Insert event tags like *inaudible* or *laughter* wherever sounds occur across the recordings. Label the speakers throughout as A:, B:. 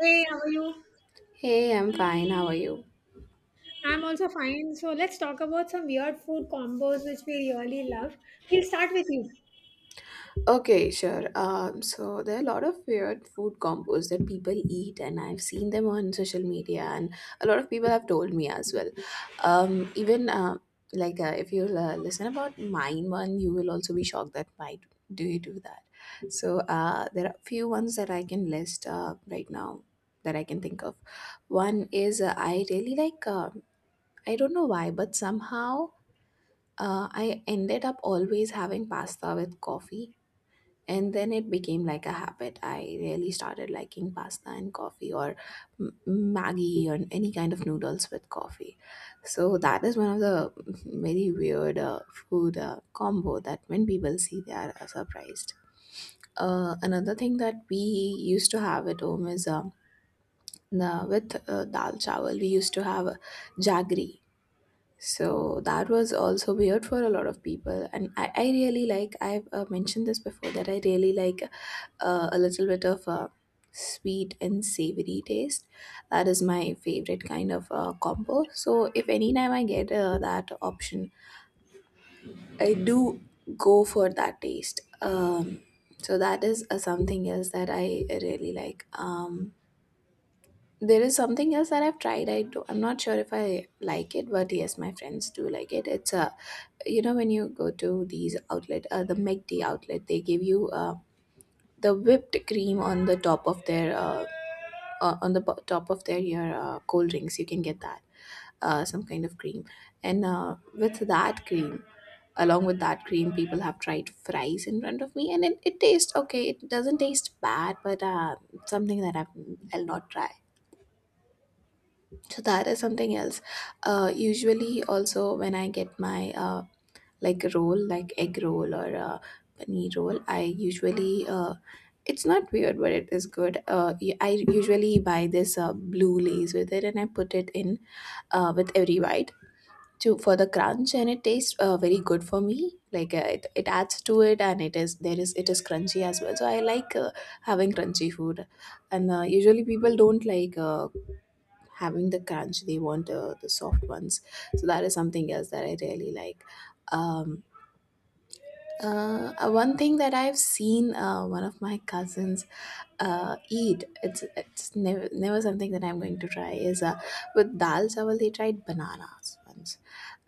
A: Hey, how are you?
B: Hey, I'm fine. How are you?
A: I'm also fine. So let's talk about some weird food combos which we really love. We'll start with you.
B: Okay, sure. So there are a lot of weird food combos that people eat, and I've seen them on social media, and a lot of people have told me as well. Even if you listen about mine one, you will also be shocked that why do you do that? So there are a few ones that I can list right now that I can think of. One is I really like. I don't know why, but somehow I ended up always having pasta with coffee, and then it became like a habit. I really started liking pasta and coffee, or Maggie, or any kind of noodles with coffee. So that is one of the very weird food combo that when people see, they are surprised. Another thing that we used to have at home is with dal chawal, we used to have jaggery, so that was also weird for a lot of people. And I really like, I've mentioned this before, that I really like a little bit of sweet and savory taste. That is my favorite kind of combo. So if anytime I get that option, I do go for that taste. So that is something else that I really like. There is something else that I've tried. I do, I'm not sure if I like it, but yes, my friends do like it. It's a, when you go to these outlet, the McD outlet, they give you the whipped cream on the top of their, on the top of their your cold drinks. You can get that, some kind of cream, and along with that cream, people have tried fries in front of me, and it tastes okay. It doesn't taste bad, but something that I'll not try, so that is something else. Usually also when I get my roll, like egg roll or paneer roll, I usually uh, it's not weird but it is good. I usually buy this blue lace with it and I put it in with every bite to for the crunch, and it tastes very good for me. Like, it adds to it, and it is crunchy as well, so I like having crunchy food. And usually people don't like having the crunch, they want the soft ones, so that is something else that I really like. um One thing that I've seen, one of my cousins eat — it's never something that I'm going to try — is with dal chawal they tried bananas once.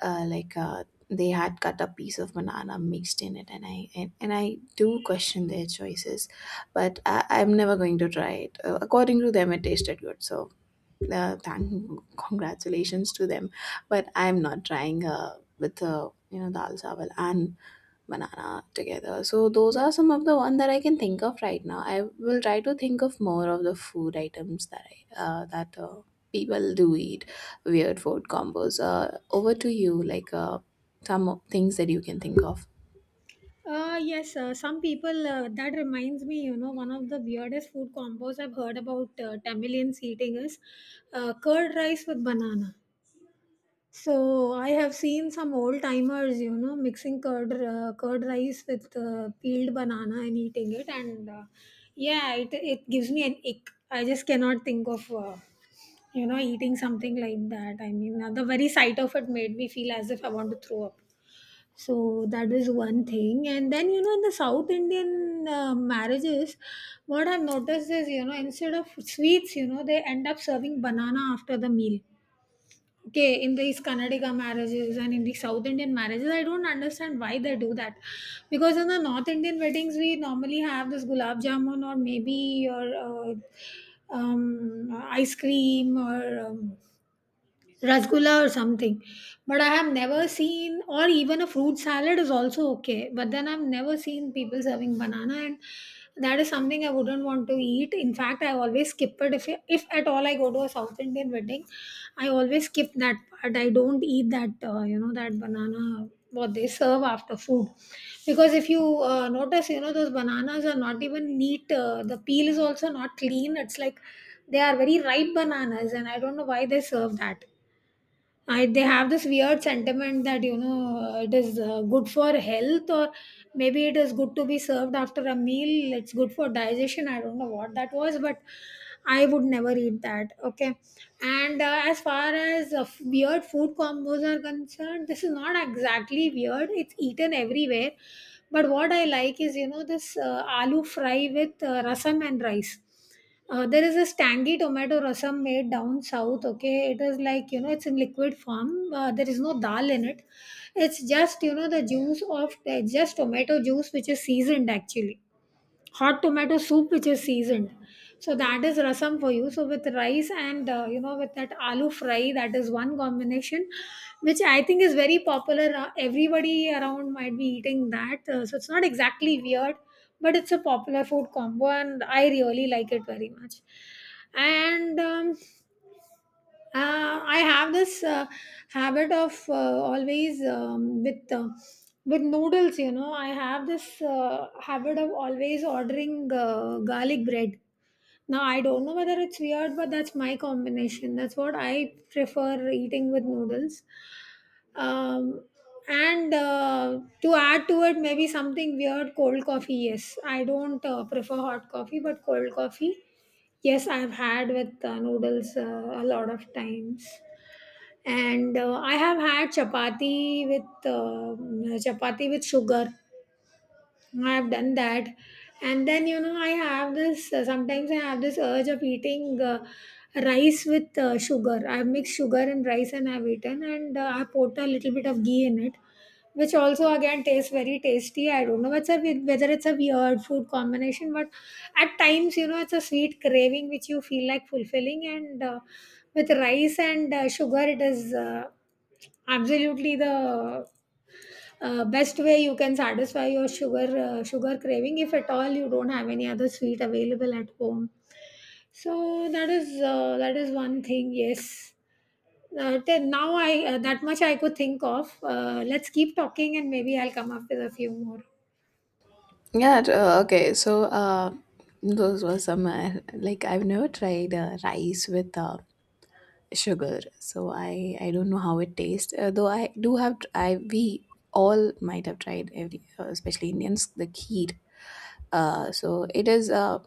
B: uh, like uh, they had cut a piece of banana mixed in it, and I do question their choices, but I, I'm never going to try it. According to them, it tasted good, so thank congratulations to them. But I'm not trying with dal chawal and banana together. So those are some of the one that I can think of right now. I will try to think of more of the food items that I that people do eat, weird food combos. Over to you, like some things that you can think of.
A: Yes, some people, that reminds me, you know, one of the weirdest food combos I've heard about Tamilians eating is curd rice with banana. So I have seen some old timers, you know, mixing curd, curd rice with peeled banana and eating it. And yeah, it gives me an ick. I just cannot think of you know, eating something like that. I mean, the very sight of it made me feel as if I want to throw up. So that is one thing. And then, you know, in the South Indian marriages, what I've noticed is, you know, instead of sweets, you know, they end up serving banana after the meal. Okay, in these Karnataka marriages and in the South Indian marriages, I don't understand why they do that. Because in the North Indian weddings, we normally have this gulab jamun, or maybe your ice cream, or um, rasgulla or something. But I have never seen, or even a fruit salad is also okay. But then I've never seen people serving banana, and that is something I wouldn't want to eat. In fact, I always skip it. If at all I go to a South Indian wedding, I always skip that part. I don't eat that, you know, that banana, what they serve after food. Because if you notice, you know, those bananas are not even neat. The peel is also not clean. It's like they are very ripe bananas, and I don't know why they serve that. I, they have this weird sentiment that, you know, it is good for health, or maybe it is good to be served after a meal, it's good for digestion. I don't know what that was, but I would never eat that, okay. And as far as weird food combos are concerned, this is not exactly weird, it's eaten everywhere, but what I like is, you know, this aloo fry with rasam and rice. Uh, there is this tangy tomato rasam made down south. Okay, it is like, you know, it's in liquid form. There is no dal in it. It's just, you know, the juice of just tomato juice which is seasoned, actually hot tomato soup which is seasoned. So that is rasam for you. So with rice and you know, with that aloo fry, that is one combination which I think is very popular. Uh, everybody around might be eating that, so it's not exactly weird, but it's a popular food combo and I really like it very much. And I have this habit of always, with noodles. You know, I have this habit of always ordering garlic bread. Now I don't know whether it's weird, but that's my combination. That's what I prefer eating with noodles. Um, and to add to it, maybe something weird, cold coffee. Yes, I don't prefer hot coffee, but cold coffee, yes, I've had with noodles a lot of times. And I have had chapati with chapati with sugar. I've done that. And then, you know, I have this, sometimes I have this urge of eating rice with sugar. I've mixed sugar and rice and I've eaten, and I put a little bit of ghee in it, which also again tastes very tasty. I don't know what's a, whether it's a weird food combination, but at times, you know, it's a sweet craving which you feel like fulfilling. And with rice and sugar, it is absolutely the best way you can satisfy your sugar sugar craving if at all you don't have any other sweet available at home. So that is that is one thing. Yes. Till now I that much I could think of. Let's keep talking and maybe I'll come up with a few more.
B: Yeah, okay, so uh, those were some, like I've never tried rice with sugar, so I don't know how it tastes. Though I do have tr- I we all might have tried, every especially Indians, the kheer. So it is uh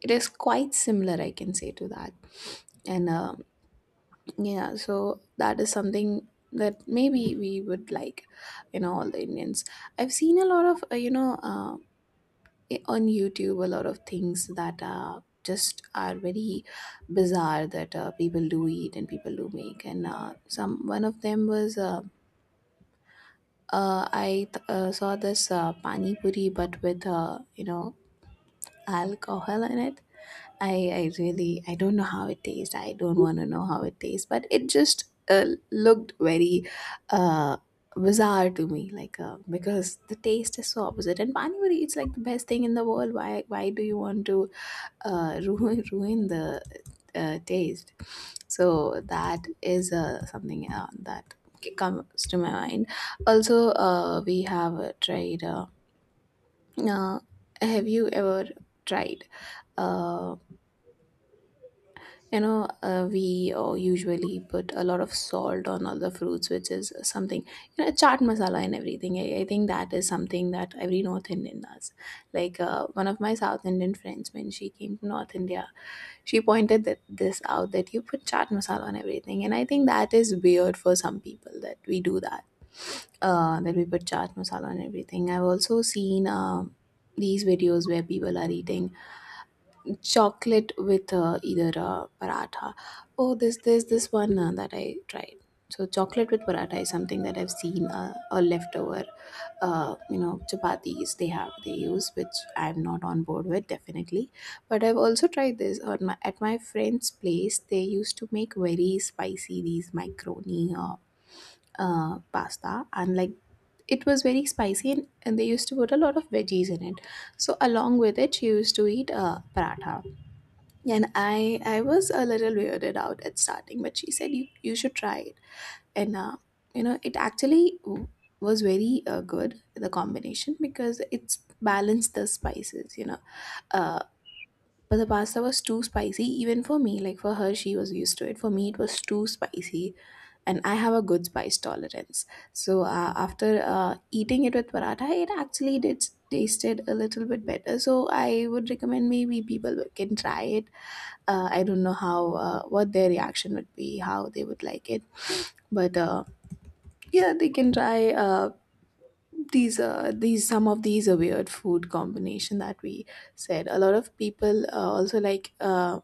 B: it is quite similar, I can say, to that. And yeah, so that is something that maybe we would like, all the Indians. I've seen a lot of on YouTube a lot of things that just are very bizarre, that people do eat and people do make. And some one of them was, I saw this pani puri but with alcohol in it. I really, I don't know how it tastes. I don't want to know how it tastes, but it just uh, looked very. Uh, Bizarre to me, like because the taste is so opposite, and pani puri, it's like the best thing in the world. Why do you want to *laughs* ruin the taste? So that is something that comes to my mind. Also, we have tried. Uh, have you ever tried? uh, we usually put a lot of salt on all the fruits, which is something, chaat masala and everything. I think that is something that every North Indian does. Like, one of my South Indian friends, when she came to North India, she pointed that this out, that you put chaat masala on everything. And I think that is weird for some people, that we do that, that we put chaat masala on everything. I've also seen these videos where people are eating chocolate with either paratha. Oh, this there's this one that I tried. So chocolate with paratha is something that I've seen, a leftover, chapatis they use, which I'm not on board with definitely. But I've also tried this on my at my friend's place. They used to make very spicy, these microni pasta, and like it was very spicy, and they used to put a lot of veggies in it. So along with it, she used to eat paratha, and I was a little weirded out at starting, but she said you should try it. And, it actually was very good, the combination, because it's balanced the spices. Uh, but the pasta was too spicy, even for me. Like for her, she was used to it. For me, it was too spicy, and I have a good spice tolerance. So after eating it with paratha, it actually did tasted a little bit better. So I would recommend maybe people can try it. I don't know how what their reaction would be, how they would like it, but yeah, they can try. These Some of these are weird food combination that we said. A lot of people also like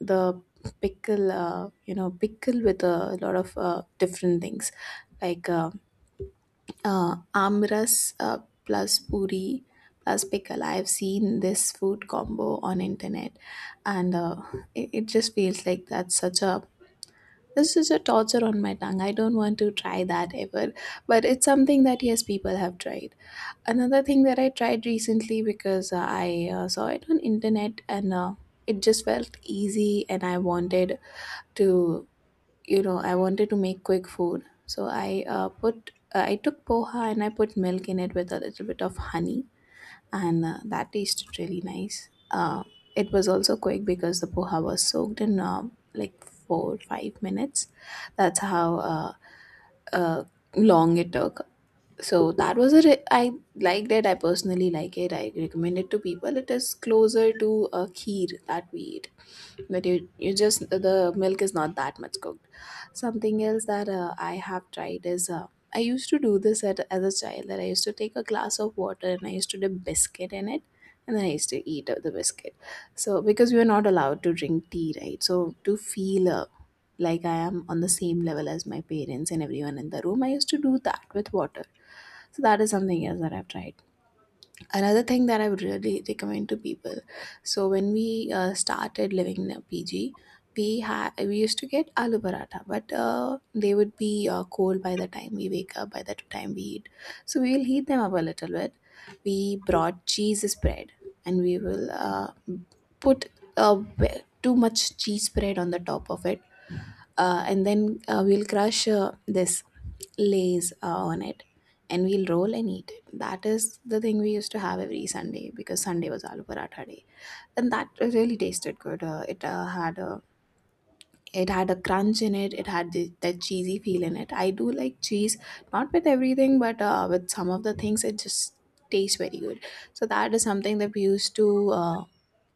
B: the pickle, pickle with a lot of different things, like amras plus puri plus pickle. I've seen this food combo on internet, and it just feels like that's such a, this is a torture on my tongue. I don't want to try that ever, but it's something that, yes, people have tried. Another thing that I tried recently, because I saw it on internet, and it just felt easy, and to I wanted to make quick food. So I took poha and I put milk in it with a little bit of honey, and that tasted really nice. It was also quick because the poha was soaked in, like, 4-5 minutes. That's how uh, uh, long it took. So that was a re- I liked it. I personally like it, I recommend it to people. It is closer to a kheer that we eat, that you just, the milk is not that much cooked. Something else that I have tried is I used to do this as a child, that I used to take a glass of water and I used to dip biscuit in it, and then I used to eat the biscuit. So because we were not allowed to drink tea, right, so to feel like I am on the same level as my parents and everyone in the room, I used to do that with water. So that is something else that I've tried. Another thing that I would really recommend to people: so when we started living in a PG, we used to get aloo paratha, but they would be cold by the time we wake up, by the time we eat. So we will heat them up a little bit. We brought cheese spread, and we will put uh, too much cheese spread on the top of it. And then we'll crush this lays on it, and we'll roll and eat it. That is the thing we used to have every Sunday, because Sunday was aloo paratha day, and that really tasted good. It had a— it had a crunch in it, it had the, that cheesy feel in it. I do like cheese, not with everything, but with some of the things it just tastes very good. So that is something that we used to uh,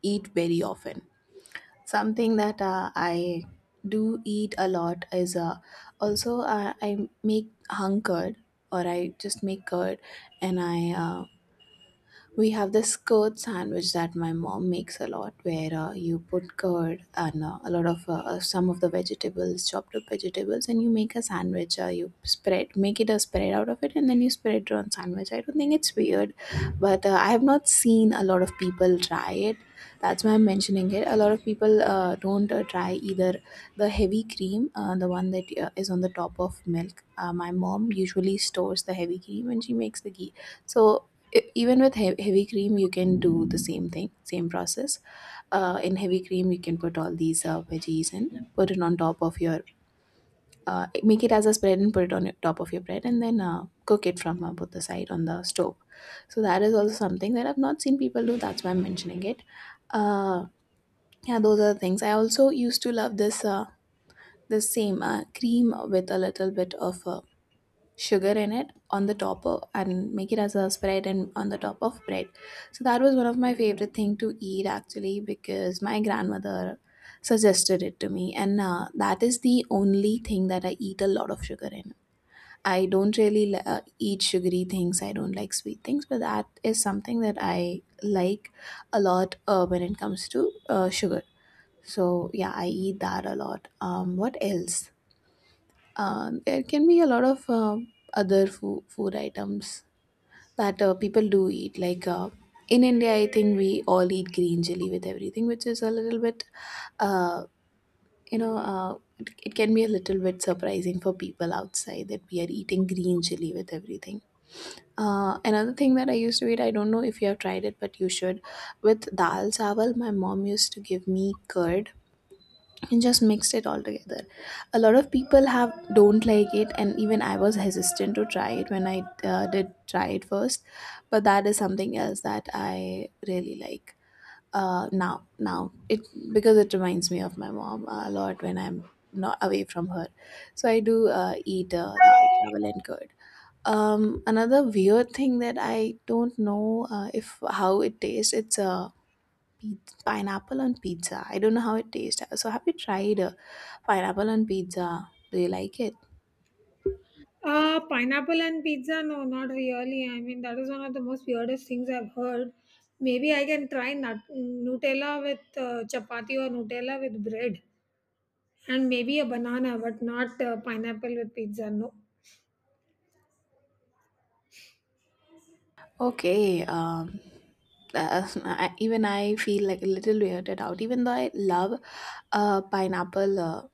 B: eat very often. Something that I do eat a lot is also I make hung curd, or I just make curd. And I uh, we have this curd sandwich that my mom makes a lot, where you put curd and a lot of some of the vegetables, chopped up vegetables, and you make a sandwich. You spread, make it a spread out of it, and then you spread it on sandwich. I don't think it's weird, but I have not seen a lot of people try it. That's why I'm mentioning it. A lot of people don't try either the heavy cream, the one that is on the top of milk. My mom usually stores the heavy cream and she makes the ghee. So even with heavy cream, you can do the same thing, same process. In heavy cream, you can put all these veggies and put it on top of your— make it as a spread and put it on your, top of your bread, and then cook it from both the side on the stove. So that is also something that I've not seen people do. That's why I'm mentioning it. Uh, yeah, those are the things. I also used to love this the same cream with a little bit of sugar in it on the top of, and make it as a spread and on the top of bread. So that was one of my favorite thing to eat actually, because my grandmother suggested it to me, and that is the only thing that I eat a lot of sugar in. I don't really eat sugary things, I don't like sweet things, but that is something that I like a lot when it comes to sugar. So yeah, I eat that a lot. What else? There can be a lot of other food items that people do eat. Like in India, I think we all eat green chili with everything, which is a little bit, uh, it, it can be a little bit surprising for people outside that we are eating green chili with everything. Another thing that I used to eat, I don't know if you have tried it, but you should. With dal chawal, my mom used to give me curd and just mixed it all together. A lot of people have don't like it, and even I was hesitant to try it when I did try it first. But that is something else that I really like. Now it, because it reminds me of my mom a lot when I'm not away from her. So I do eat dal chawal and curd. um, Another weird thing that I don't know if how it tastes, it's a— pineapple on pizza. I don't know how it tastes. So, have you tried pineapple on pizza? Do you like it?
A: Pineapple and pizza? No, not really. I mean, that is one of the most weirdest things I've heard. Maybe I can try Nutella with chapati, or Nutella with bread, and maybe a banana, but not pineapple with pizza. No.
B: Okay. *laughs* I, even I feel like a little weirded out. Even though I love pineapple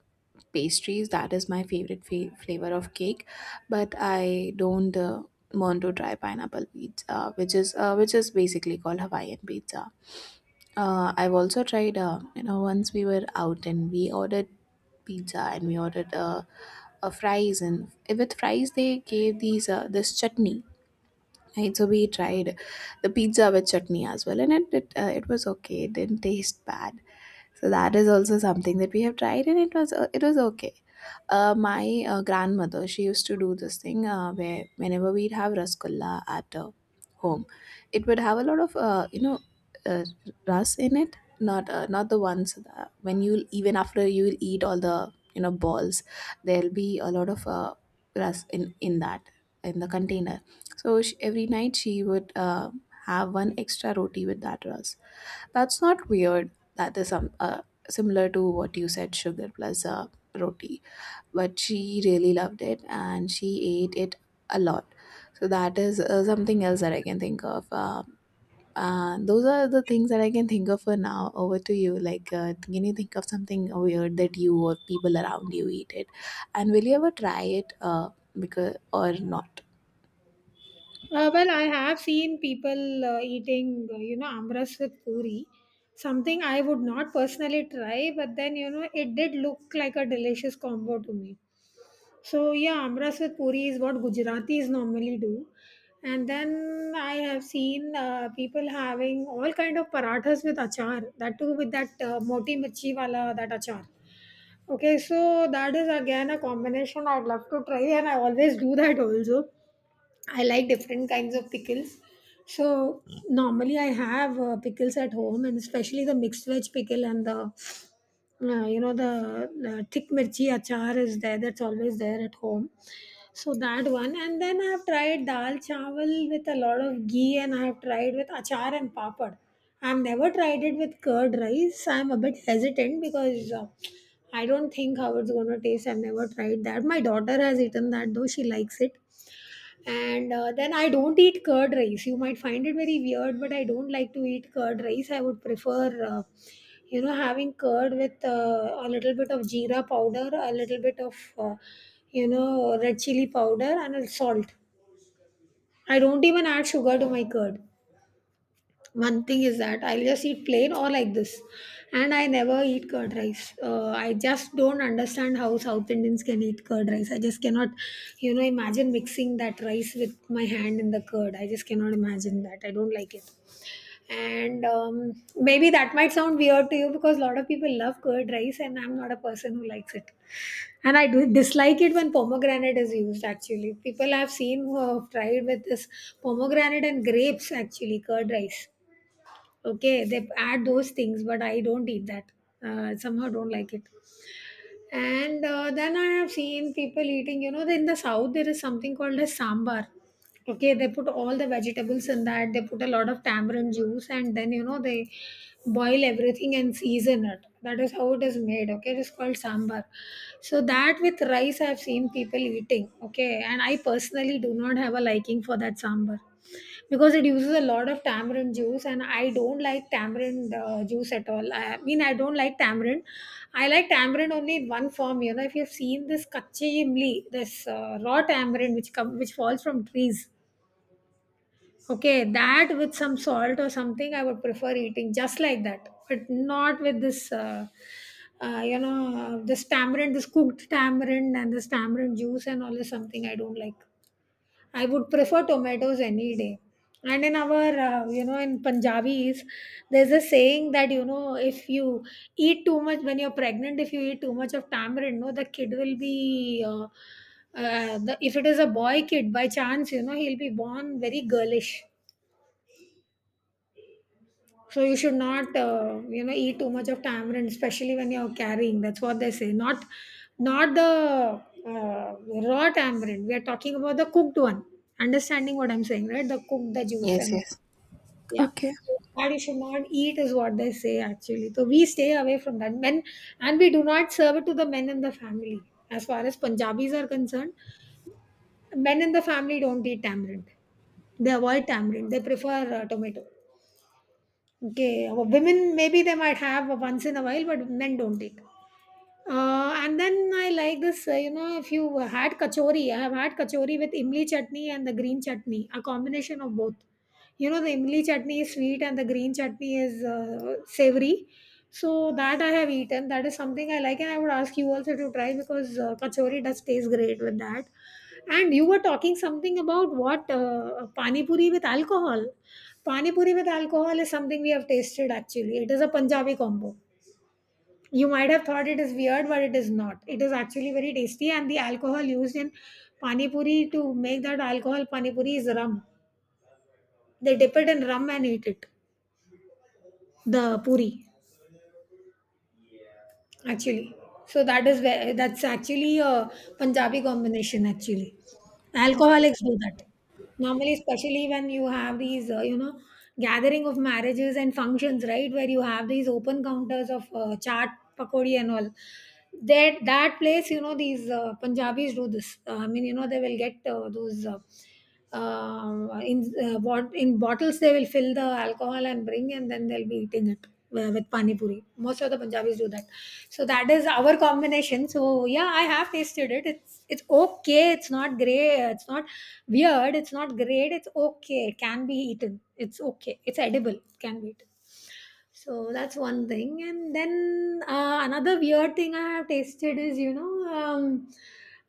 B: pastries, that is my favorite flavor of cake. But I don't want to try pineapple pizza, which is basically called Hawaiian pizza. I've also tried, you know, once we were out and we ordered pizza, and we ordered a fries, and eh, with fries they gave these this chutney. Right, so we tried the pizza with chutney as well, and it it was okay. It didn't taste bad. So that is also something that we have tried, and it was okay. My grandmother, she used to do this thing where whenever we'd have rasgulla at home, it would have a lot of uh, ras in it. Not not the ones that when you even after you'll eat all the, you know, balls, there'll be a lot of ras in that, in the container. So she, every night she would have one extra roti with that ras. That's not weird. That is similar to what you said, sugar plus roti. But she really loved it, and she ate it a lot. So that is something else that I can think of. And those are the things that I can think of for now. Over to you. Like, can you think of something weird that you or people around you eat it? And will you ever try it? Because or not?
A: Well, I have seen people eating, you know, amras with puri, something I would not personally try, but then, you know, it did look like a delicious combo to me. So, yeah, amras with puri is what Gujaratis normally do. And then I have seen people having all kind of parathas with achar, that too with that moti mirchi wala, that achar. Okay, so that is again a combination I'd love to try, and I always do that also. I like different kinds of pickles. So normally I have pickles at home, and especially the mixed veg pickle and the you know, the thick mirchi achar is there, that's always there at home. So that one. And then I have tried dal chawal with a lot of ghee, and I have tried with achar and papad. I've never tried it with curd rice. I'm a bit hesitant because I don't think how it's going to taste. I've never tried that. My daughter has eaten that, though, she likes it. And then I don't eat curd rice, you might find it very weird, but I don't like to eat curd rice. I would prefer you know, having curd with a little bit of jeera powder, a little bit of you know, red chili powder and a salt. I don't even add sugar to my curd. One thing is that I'll just eat plain or like this. And I never eat curd rice. I just don't understand how South Indians can eat curd rice. I just cannot, you know, imagine mixing that rice with my hand in the curd. I just cannot imagine that. I don't like it. And maybe that might sound weird to you, because a lot of people love curd rice and I'm not a person who likes it. And I do dislike it when pomegranate is used. Actually, people I've seen who have tried with this pomegranate and grapes, actually curd rice, okay, they add those things, but I don't eat that. Uh, somehow don't like it. And then I have seen people eating, you know, in the south there is something called a sambar. Okay, they put all the vegetables in that, they put a lot of tamarind juice, and then, you know, they boil everything and season it. That is how it is made. Okay, it is called sambar. So that with rice, I've seen people eating, okay. And I personally do not have a liking for that sambar, because it uses a lot of tamarind juice and I don't like tamarind juice at all. I mean, I don't like tamarind. I like tamarind only in one form. You know, if you've seen this kachi imli, this raw tamarind which come, which falls from trees. Okay, that with some salt or something, I would prefer eating just like that, but not with this, you know, this tamarind, this cooked tamarind and this tamarind juice and all is something I don't like. I would prefer tomatoes any day. And in our, you know, in Punjabis, there's a saying that, you know, if you eat too much when you're pregnant, if you eat too much of tamarind, no, the kid will be. The, if it is a boy kid by chance, you know, he'll be born very girlish. So you should not, you know, eat too much of tamarind, especially when you're carrying. That's what they say. Not, not the uh, raw tamarind. We are talking about the cooked one. Understanding what I'm saying, right? The cooked, the juice,
B: Yes.
A: and
B: Yes.
A: yeah.
B: Okay.
A: That you should not eat is what they say, actually. So we stay away from that. Men, and we do not serve it to the men in the family. As far as Punjabis are concerned, men in the family don't eat tamarind. They avoid tamarind. They prefer tomato. Okay, women maybe they might have once in a while, but men don't take. And then I like this, you know, if you had kachori, I have had kachori with imli chutney and the green chutney, a combination of both. You know, the imli chutney is sweet and the green chutney is savory. So that I have eaten. That is something I like, and I would ask you also to try, because kachori does taste great with that. And you were talking something about what pani puri with alcohol. Pani puri with alcohol is something we have tasted actually. It is a Punjabi combo you might have thought it is weird, but it is not. It is actually very tasty, and the alcohol used in pani puri to make that alcohol pani puri is rum. They dip it in rum and eat it, the puri. Actually, so that is where that's actually a Punjabi combination actually.
B: Okay.
A: Alcoholics do that normally, especially when you have these you know, gathering of marriages and functions, right, where you have these open counters of chaat pakodi and all, that place, you know, these Punjabis do this. I mean, you know, they will get those in bottles. They will fill the alcohol and bring, and then they'll be eating it w with pani puri. Most of the Punjabis do that. So that is our combination. So yeah, I have tasted it. It's okay. It's not great. It's not weird. It's not great. It's okay. It can be eaten. It's okay. It's edible. It can be eaten. So that's one thing. And then another weird thing I have tasted is, you know, um,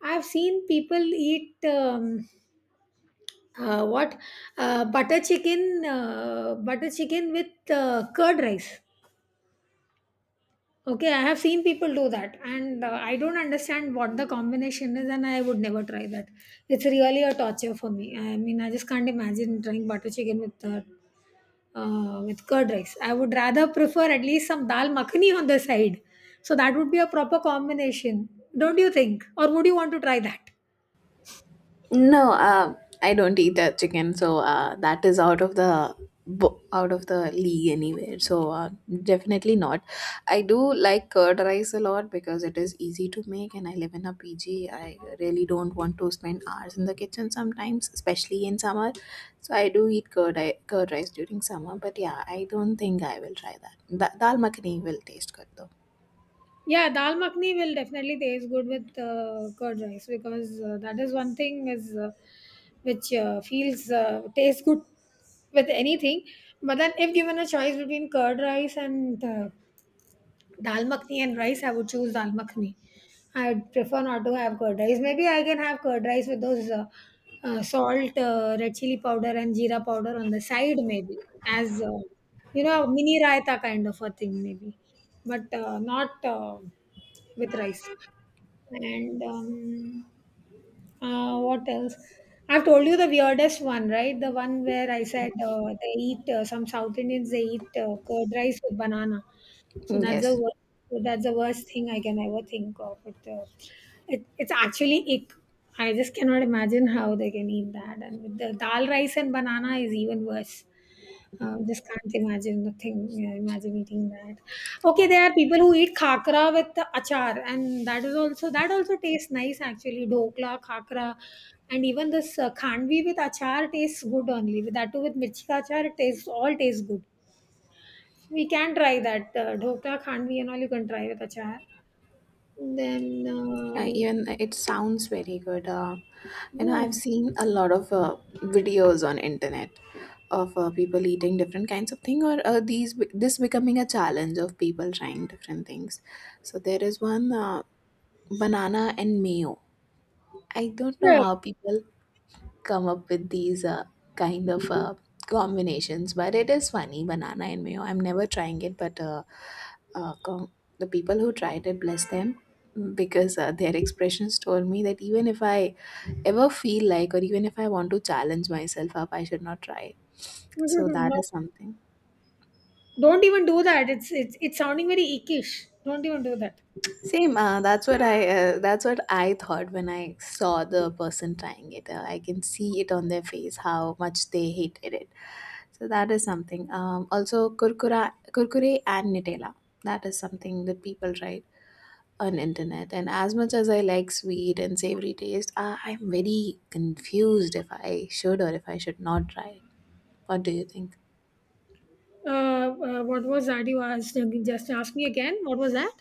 A: I've seen people eat. What butter chicken, butter chicken with curd rice. Okay, I have seen people do that, and I don't understand what the combination is, and I would never try that. It's really a torture for me. I mean, I just can't imagine trying butter chicken with curd rice. I would rather prefer at least some dal makhani on the side, so that would be a proper combination, don't you think? Or would you want to try that?
B: No, I don't eat that chicken, so that is out of the out of the league anywhere. So definitely not. I do like curd rice a lot because it is easy to make, and I live in a PG. I really don't want to spend hours in the kitchen sometimes, especially in summer. So I do eat curd rice during summer, but yeah, I don't think I will try that. Dal makhani will taste good though.
A: Yeah, dal makhni will definitely taste good with curd rice, because that is one thing is which feels tastes good with anything. But then, if given a choice between curd rice and dal makhni and rice, I would choose dal makhni. I would prefer not to have curd rice. Maybe I can have curd rice with those salt, red chili powder, and jeera powder on the side, maybe as you know, mini raita kind of a thing, maybe, but not with rice. And what else? I've told you the weirdest one, right? The one where I said they eat some South Indians they eat curd rice with banana. So
B: Yes.
A: that's the worst thing I can ever think of. It's actually ick. I just cannot imagine how they can eat that. And with the dal rice and banana is even worse. Just can't imagine the thing. Yeah, imagine eating that. Okay, there are people who eat khakra with the achar, and that also tastes nice actually. Dokla, khakra, and even this khandvi with achar tastes good only. With that too, with mirchi ka achar, it tastes all tastes good. We can try that, dhokla, khandvi and all you can try with achar. Then,
B: Even it sounds very good. You know, I've
A: hmm,
B: seen a lot of videos on internet of people eating different kinds of thing, or these this becoming a challenge of people trying different things. So there is one banana and mayo. I don't know
A: sure.
B: how people come up with these kind of combinations. But it is funny, banana and mayo. I'm never trying it, but uh, com- the people who tried it, bless them, because their expressions told me that even if I ever feel like, or even if I want to challenge myself up, I should not try it.
A: *laughs*
B: So that
A: No,
B: is something.
A: don't even do that. It's sounding very ickish. Don't even do that.
B: Same. That's what I thought when I saw the person trying it. I can see it on their face how much they hated it. So that is something. Also, kurkure and Nutella. That is something that people write on internet. And as much as I like sweet and savory taste, I'm very confused if I should or if I should not try it. What do you think?
A: What was that you asked? Just ask me again. What was that?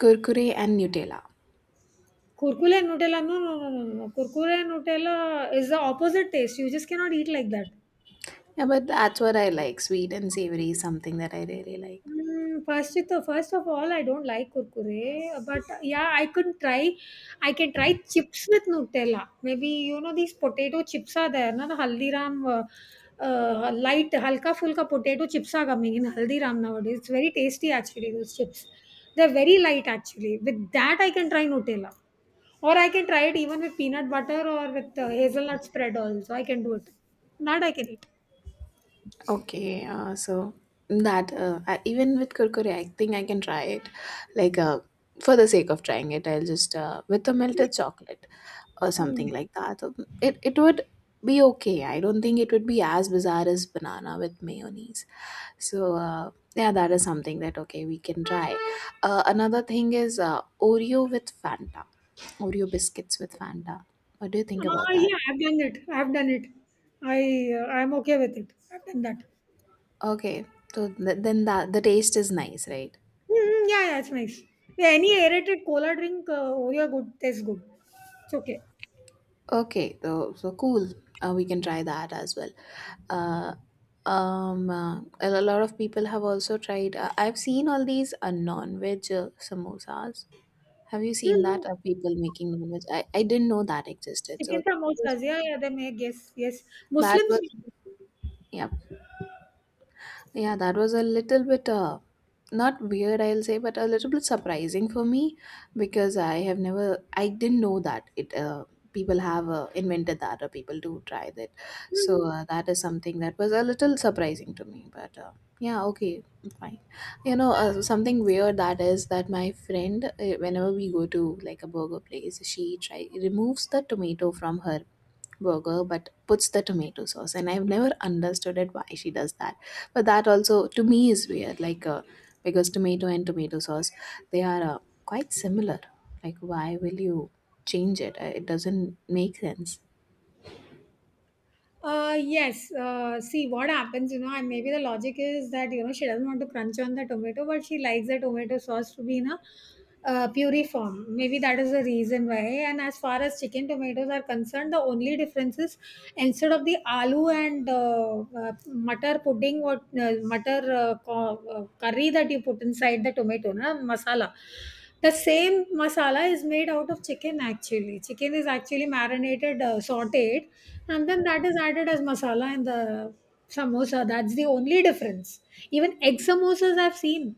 B: Kurkure and Nutella.
A: Kurkure and Nutella. No, no, no, no, no, no. Kurkure and Nutella is the opposite taste. You just cannot eat like that.
B: Yeah, but that's what I like. Sweet and savory is something that I really like.
A: Mm, first of all, I don't like kurkure, but yeah, I could try. I can try chips with Nutella. Maybe, you know, these potato chips are there, na, the Haldiram light halka fulka potato chips are coming in Haldiram nowadays. It's very tasty actually. Those chips, they're very light actually. With that, I can try Nutella, or I can try it even with peanut butter or with hazelnut spread also. I can do it. That I can eat.
B: Okay, so that I, even with kurkure, I think I can try it. Like for the sake of trying it, I'll just with a melted chocolate or
A: Hmm.
B: something like that. It it would be okay. I don't think it would be as bizarre as banana with mayonnaise. So yeah, that is something that okay we can try. Another thing is Oreo with Fanta, Oreo biscuits with Fanta. What do you think about that?
A: Yeah, I've done it. I've done it. I I'm okay with it. I've done that.
B: Okay, so then that the taste is nice, right?
A: Mm-hmm, yeah, yeah, it's nice. Yeah, any aerated cola drink, Oreo good tastes good. It's okay.
B: Okay, so, so cool. We can try that as well. Uh, a lot of people have also tried. I've seen all these non-veg samosas. Have you seen
A: Mm-hmm.
B: that? Are people making non-veg? I didn't know that existed. So
A: Chicken
B: that was,
A: samosas. Yeah, yeah, they make, yes, yes.
B: that
A: Muslims.
B: was, yeah. Yeah, that was a little bit not weird, I'll say, but a little bit surprising for me because I have never, I didn't know that it people have invented that or people do try that. So
A: Mm-hmm.
B: that is something that was a little surprising to me. But yeah, okay, fine. You know, something weird that is that my friend, whenever we go to like a burger place, she try removes the tomato from her burger but puts the tomato sauce, and I've never understood it why she does that. But that also to me is weird, like because tomato and tomato sauce, they are quite similar. Like, why will you change it? It doesn't make sense.
A: Yes. See, what happens, you know, and maybe the logic is that, you know, she doesn't want to crunch on the tomato, but she likes the tomato sauce to be in a puree form. Maybe that is the reason why. And as far as chicken tomatoes are concerned, the only difference is instead of the aloo and mutter pudding, curry that you put inside the tomato, na, masala. The same masala is made out of chicken actually. Chicken is actually marinated, sauteed, and then that is added as masala in the samosa. That's the only difference. Even egg samosas I've seen.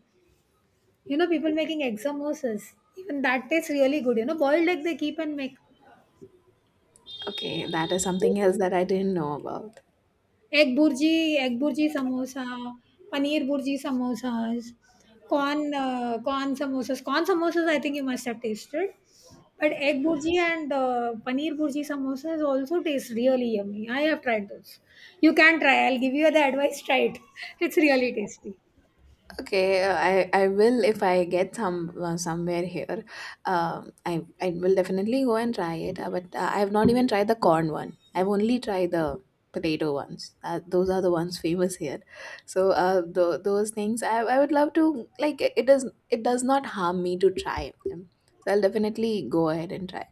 A: You know, people making egg samosas. Even that tastes really good. You know, boiled egg they keep and make.
B: Okay, that is something else that I didn't know about.
A: Egg bhurji egg bhurji samosa, paneer bhurji samosas, corn corn samosas. Corn samosas I think you must have tasted. But egg burji and paneer burji samosas also taste really yummy. I have tried those. You can try. I'll give you the advice. Try it. *laughs* It's really tasty.
B: Okay, I I will if I get some somewhere here. I I will definitely go and try it. But I have not even tried the corn one. I've only tried the potato ones. Those are the ones famous here. So those things I would love to like. It does— it does not harm me to try them. So I'll definitely go ahead and try.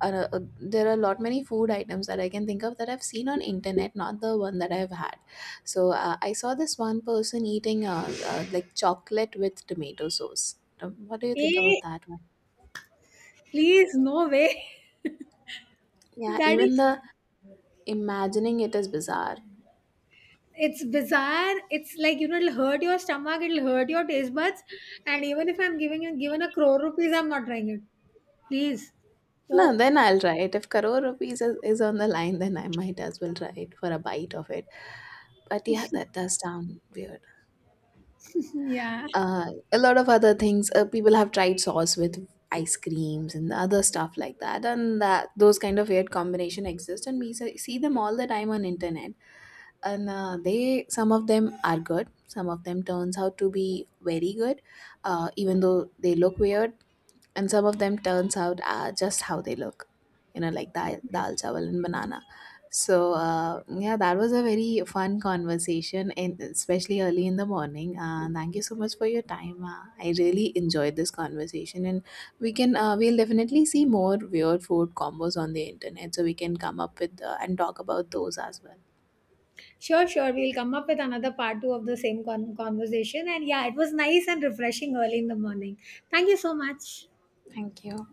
B: There are a lot many food items that I can think of that I've seen on internet, not the one that I've had. So I saw this one person eating like chocolate with tomato sauce. What do you think
A: Eh,
B: about that one?
A: please, no way. *laughs*
B: Yeah,
A: That
B: even
A: is
B: the imagining it is bizarre.
A: It's bizarre. It's like, you know, it'll hurt your stomach, it'll hurt your taste buds, and even if I'm giving given a crore rupees, I'm not trying it. Please.
B: No,
A: Oh.
B: then I'll try it. If crore rupees is on the line, then I might as well try it for a bite of it. But yeah, that does sound weird.
A: *laughs* Yeah,
B: uh, a lot of other things people have tried sauce with ice creams and other stuff like that, and that those kind of weird combination exist, and we see them all the time on internet. And they some of them are good, some of them turns out to be very good even though they look weird, and some of them turns out just how they look. You know, like dal chawal and banana. So yeah, that was a very fun conversation, and especially early in the morning. Thank you so much for your time. I really enjoyed this conversation, and we can we'll definitely see more weird food combos on the internet, so we can come up with and talk about those as well.
A: sure, we'll come up with another part two of the same conversation, and yeah, it was nice and refreshing early in the morning. Thank you so much.
B: Thank you.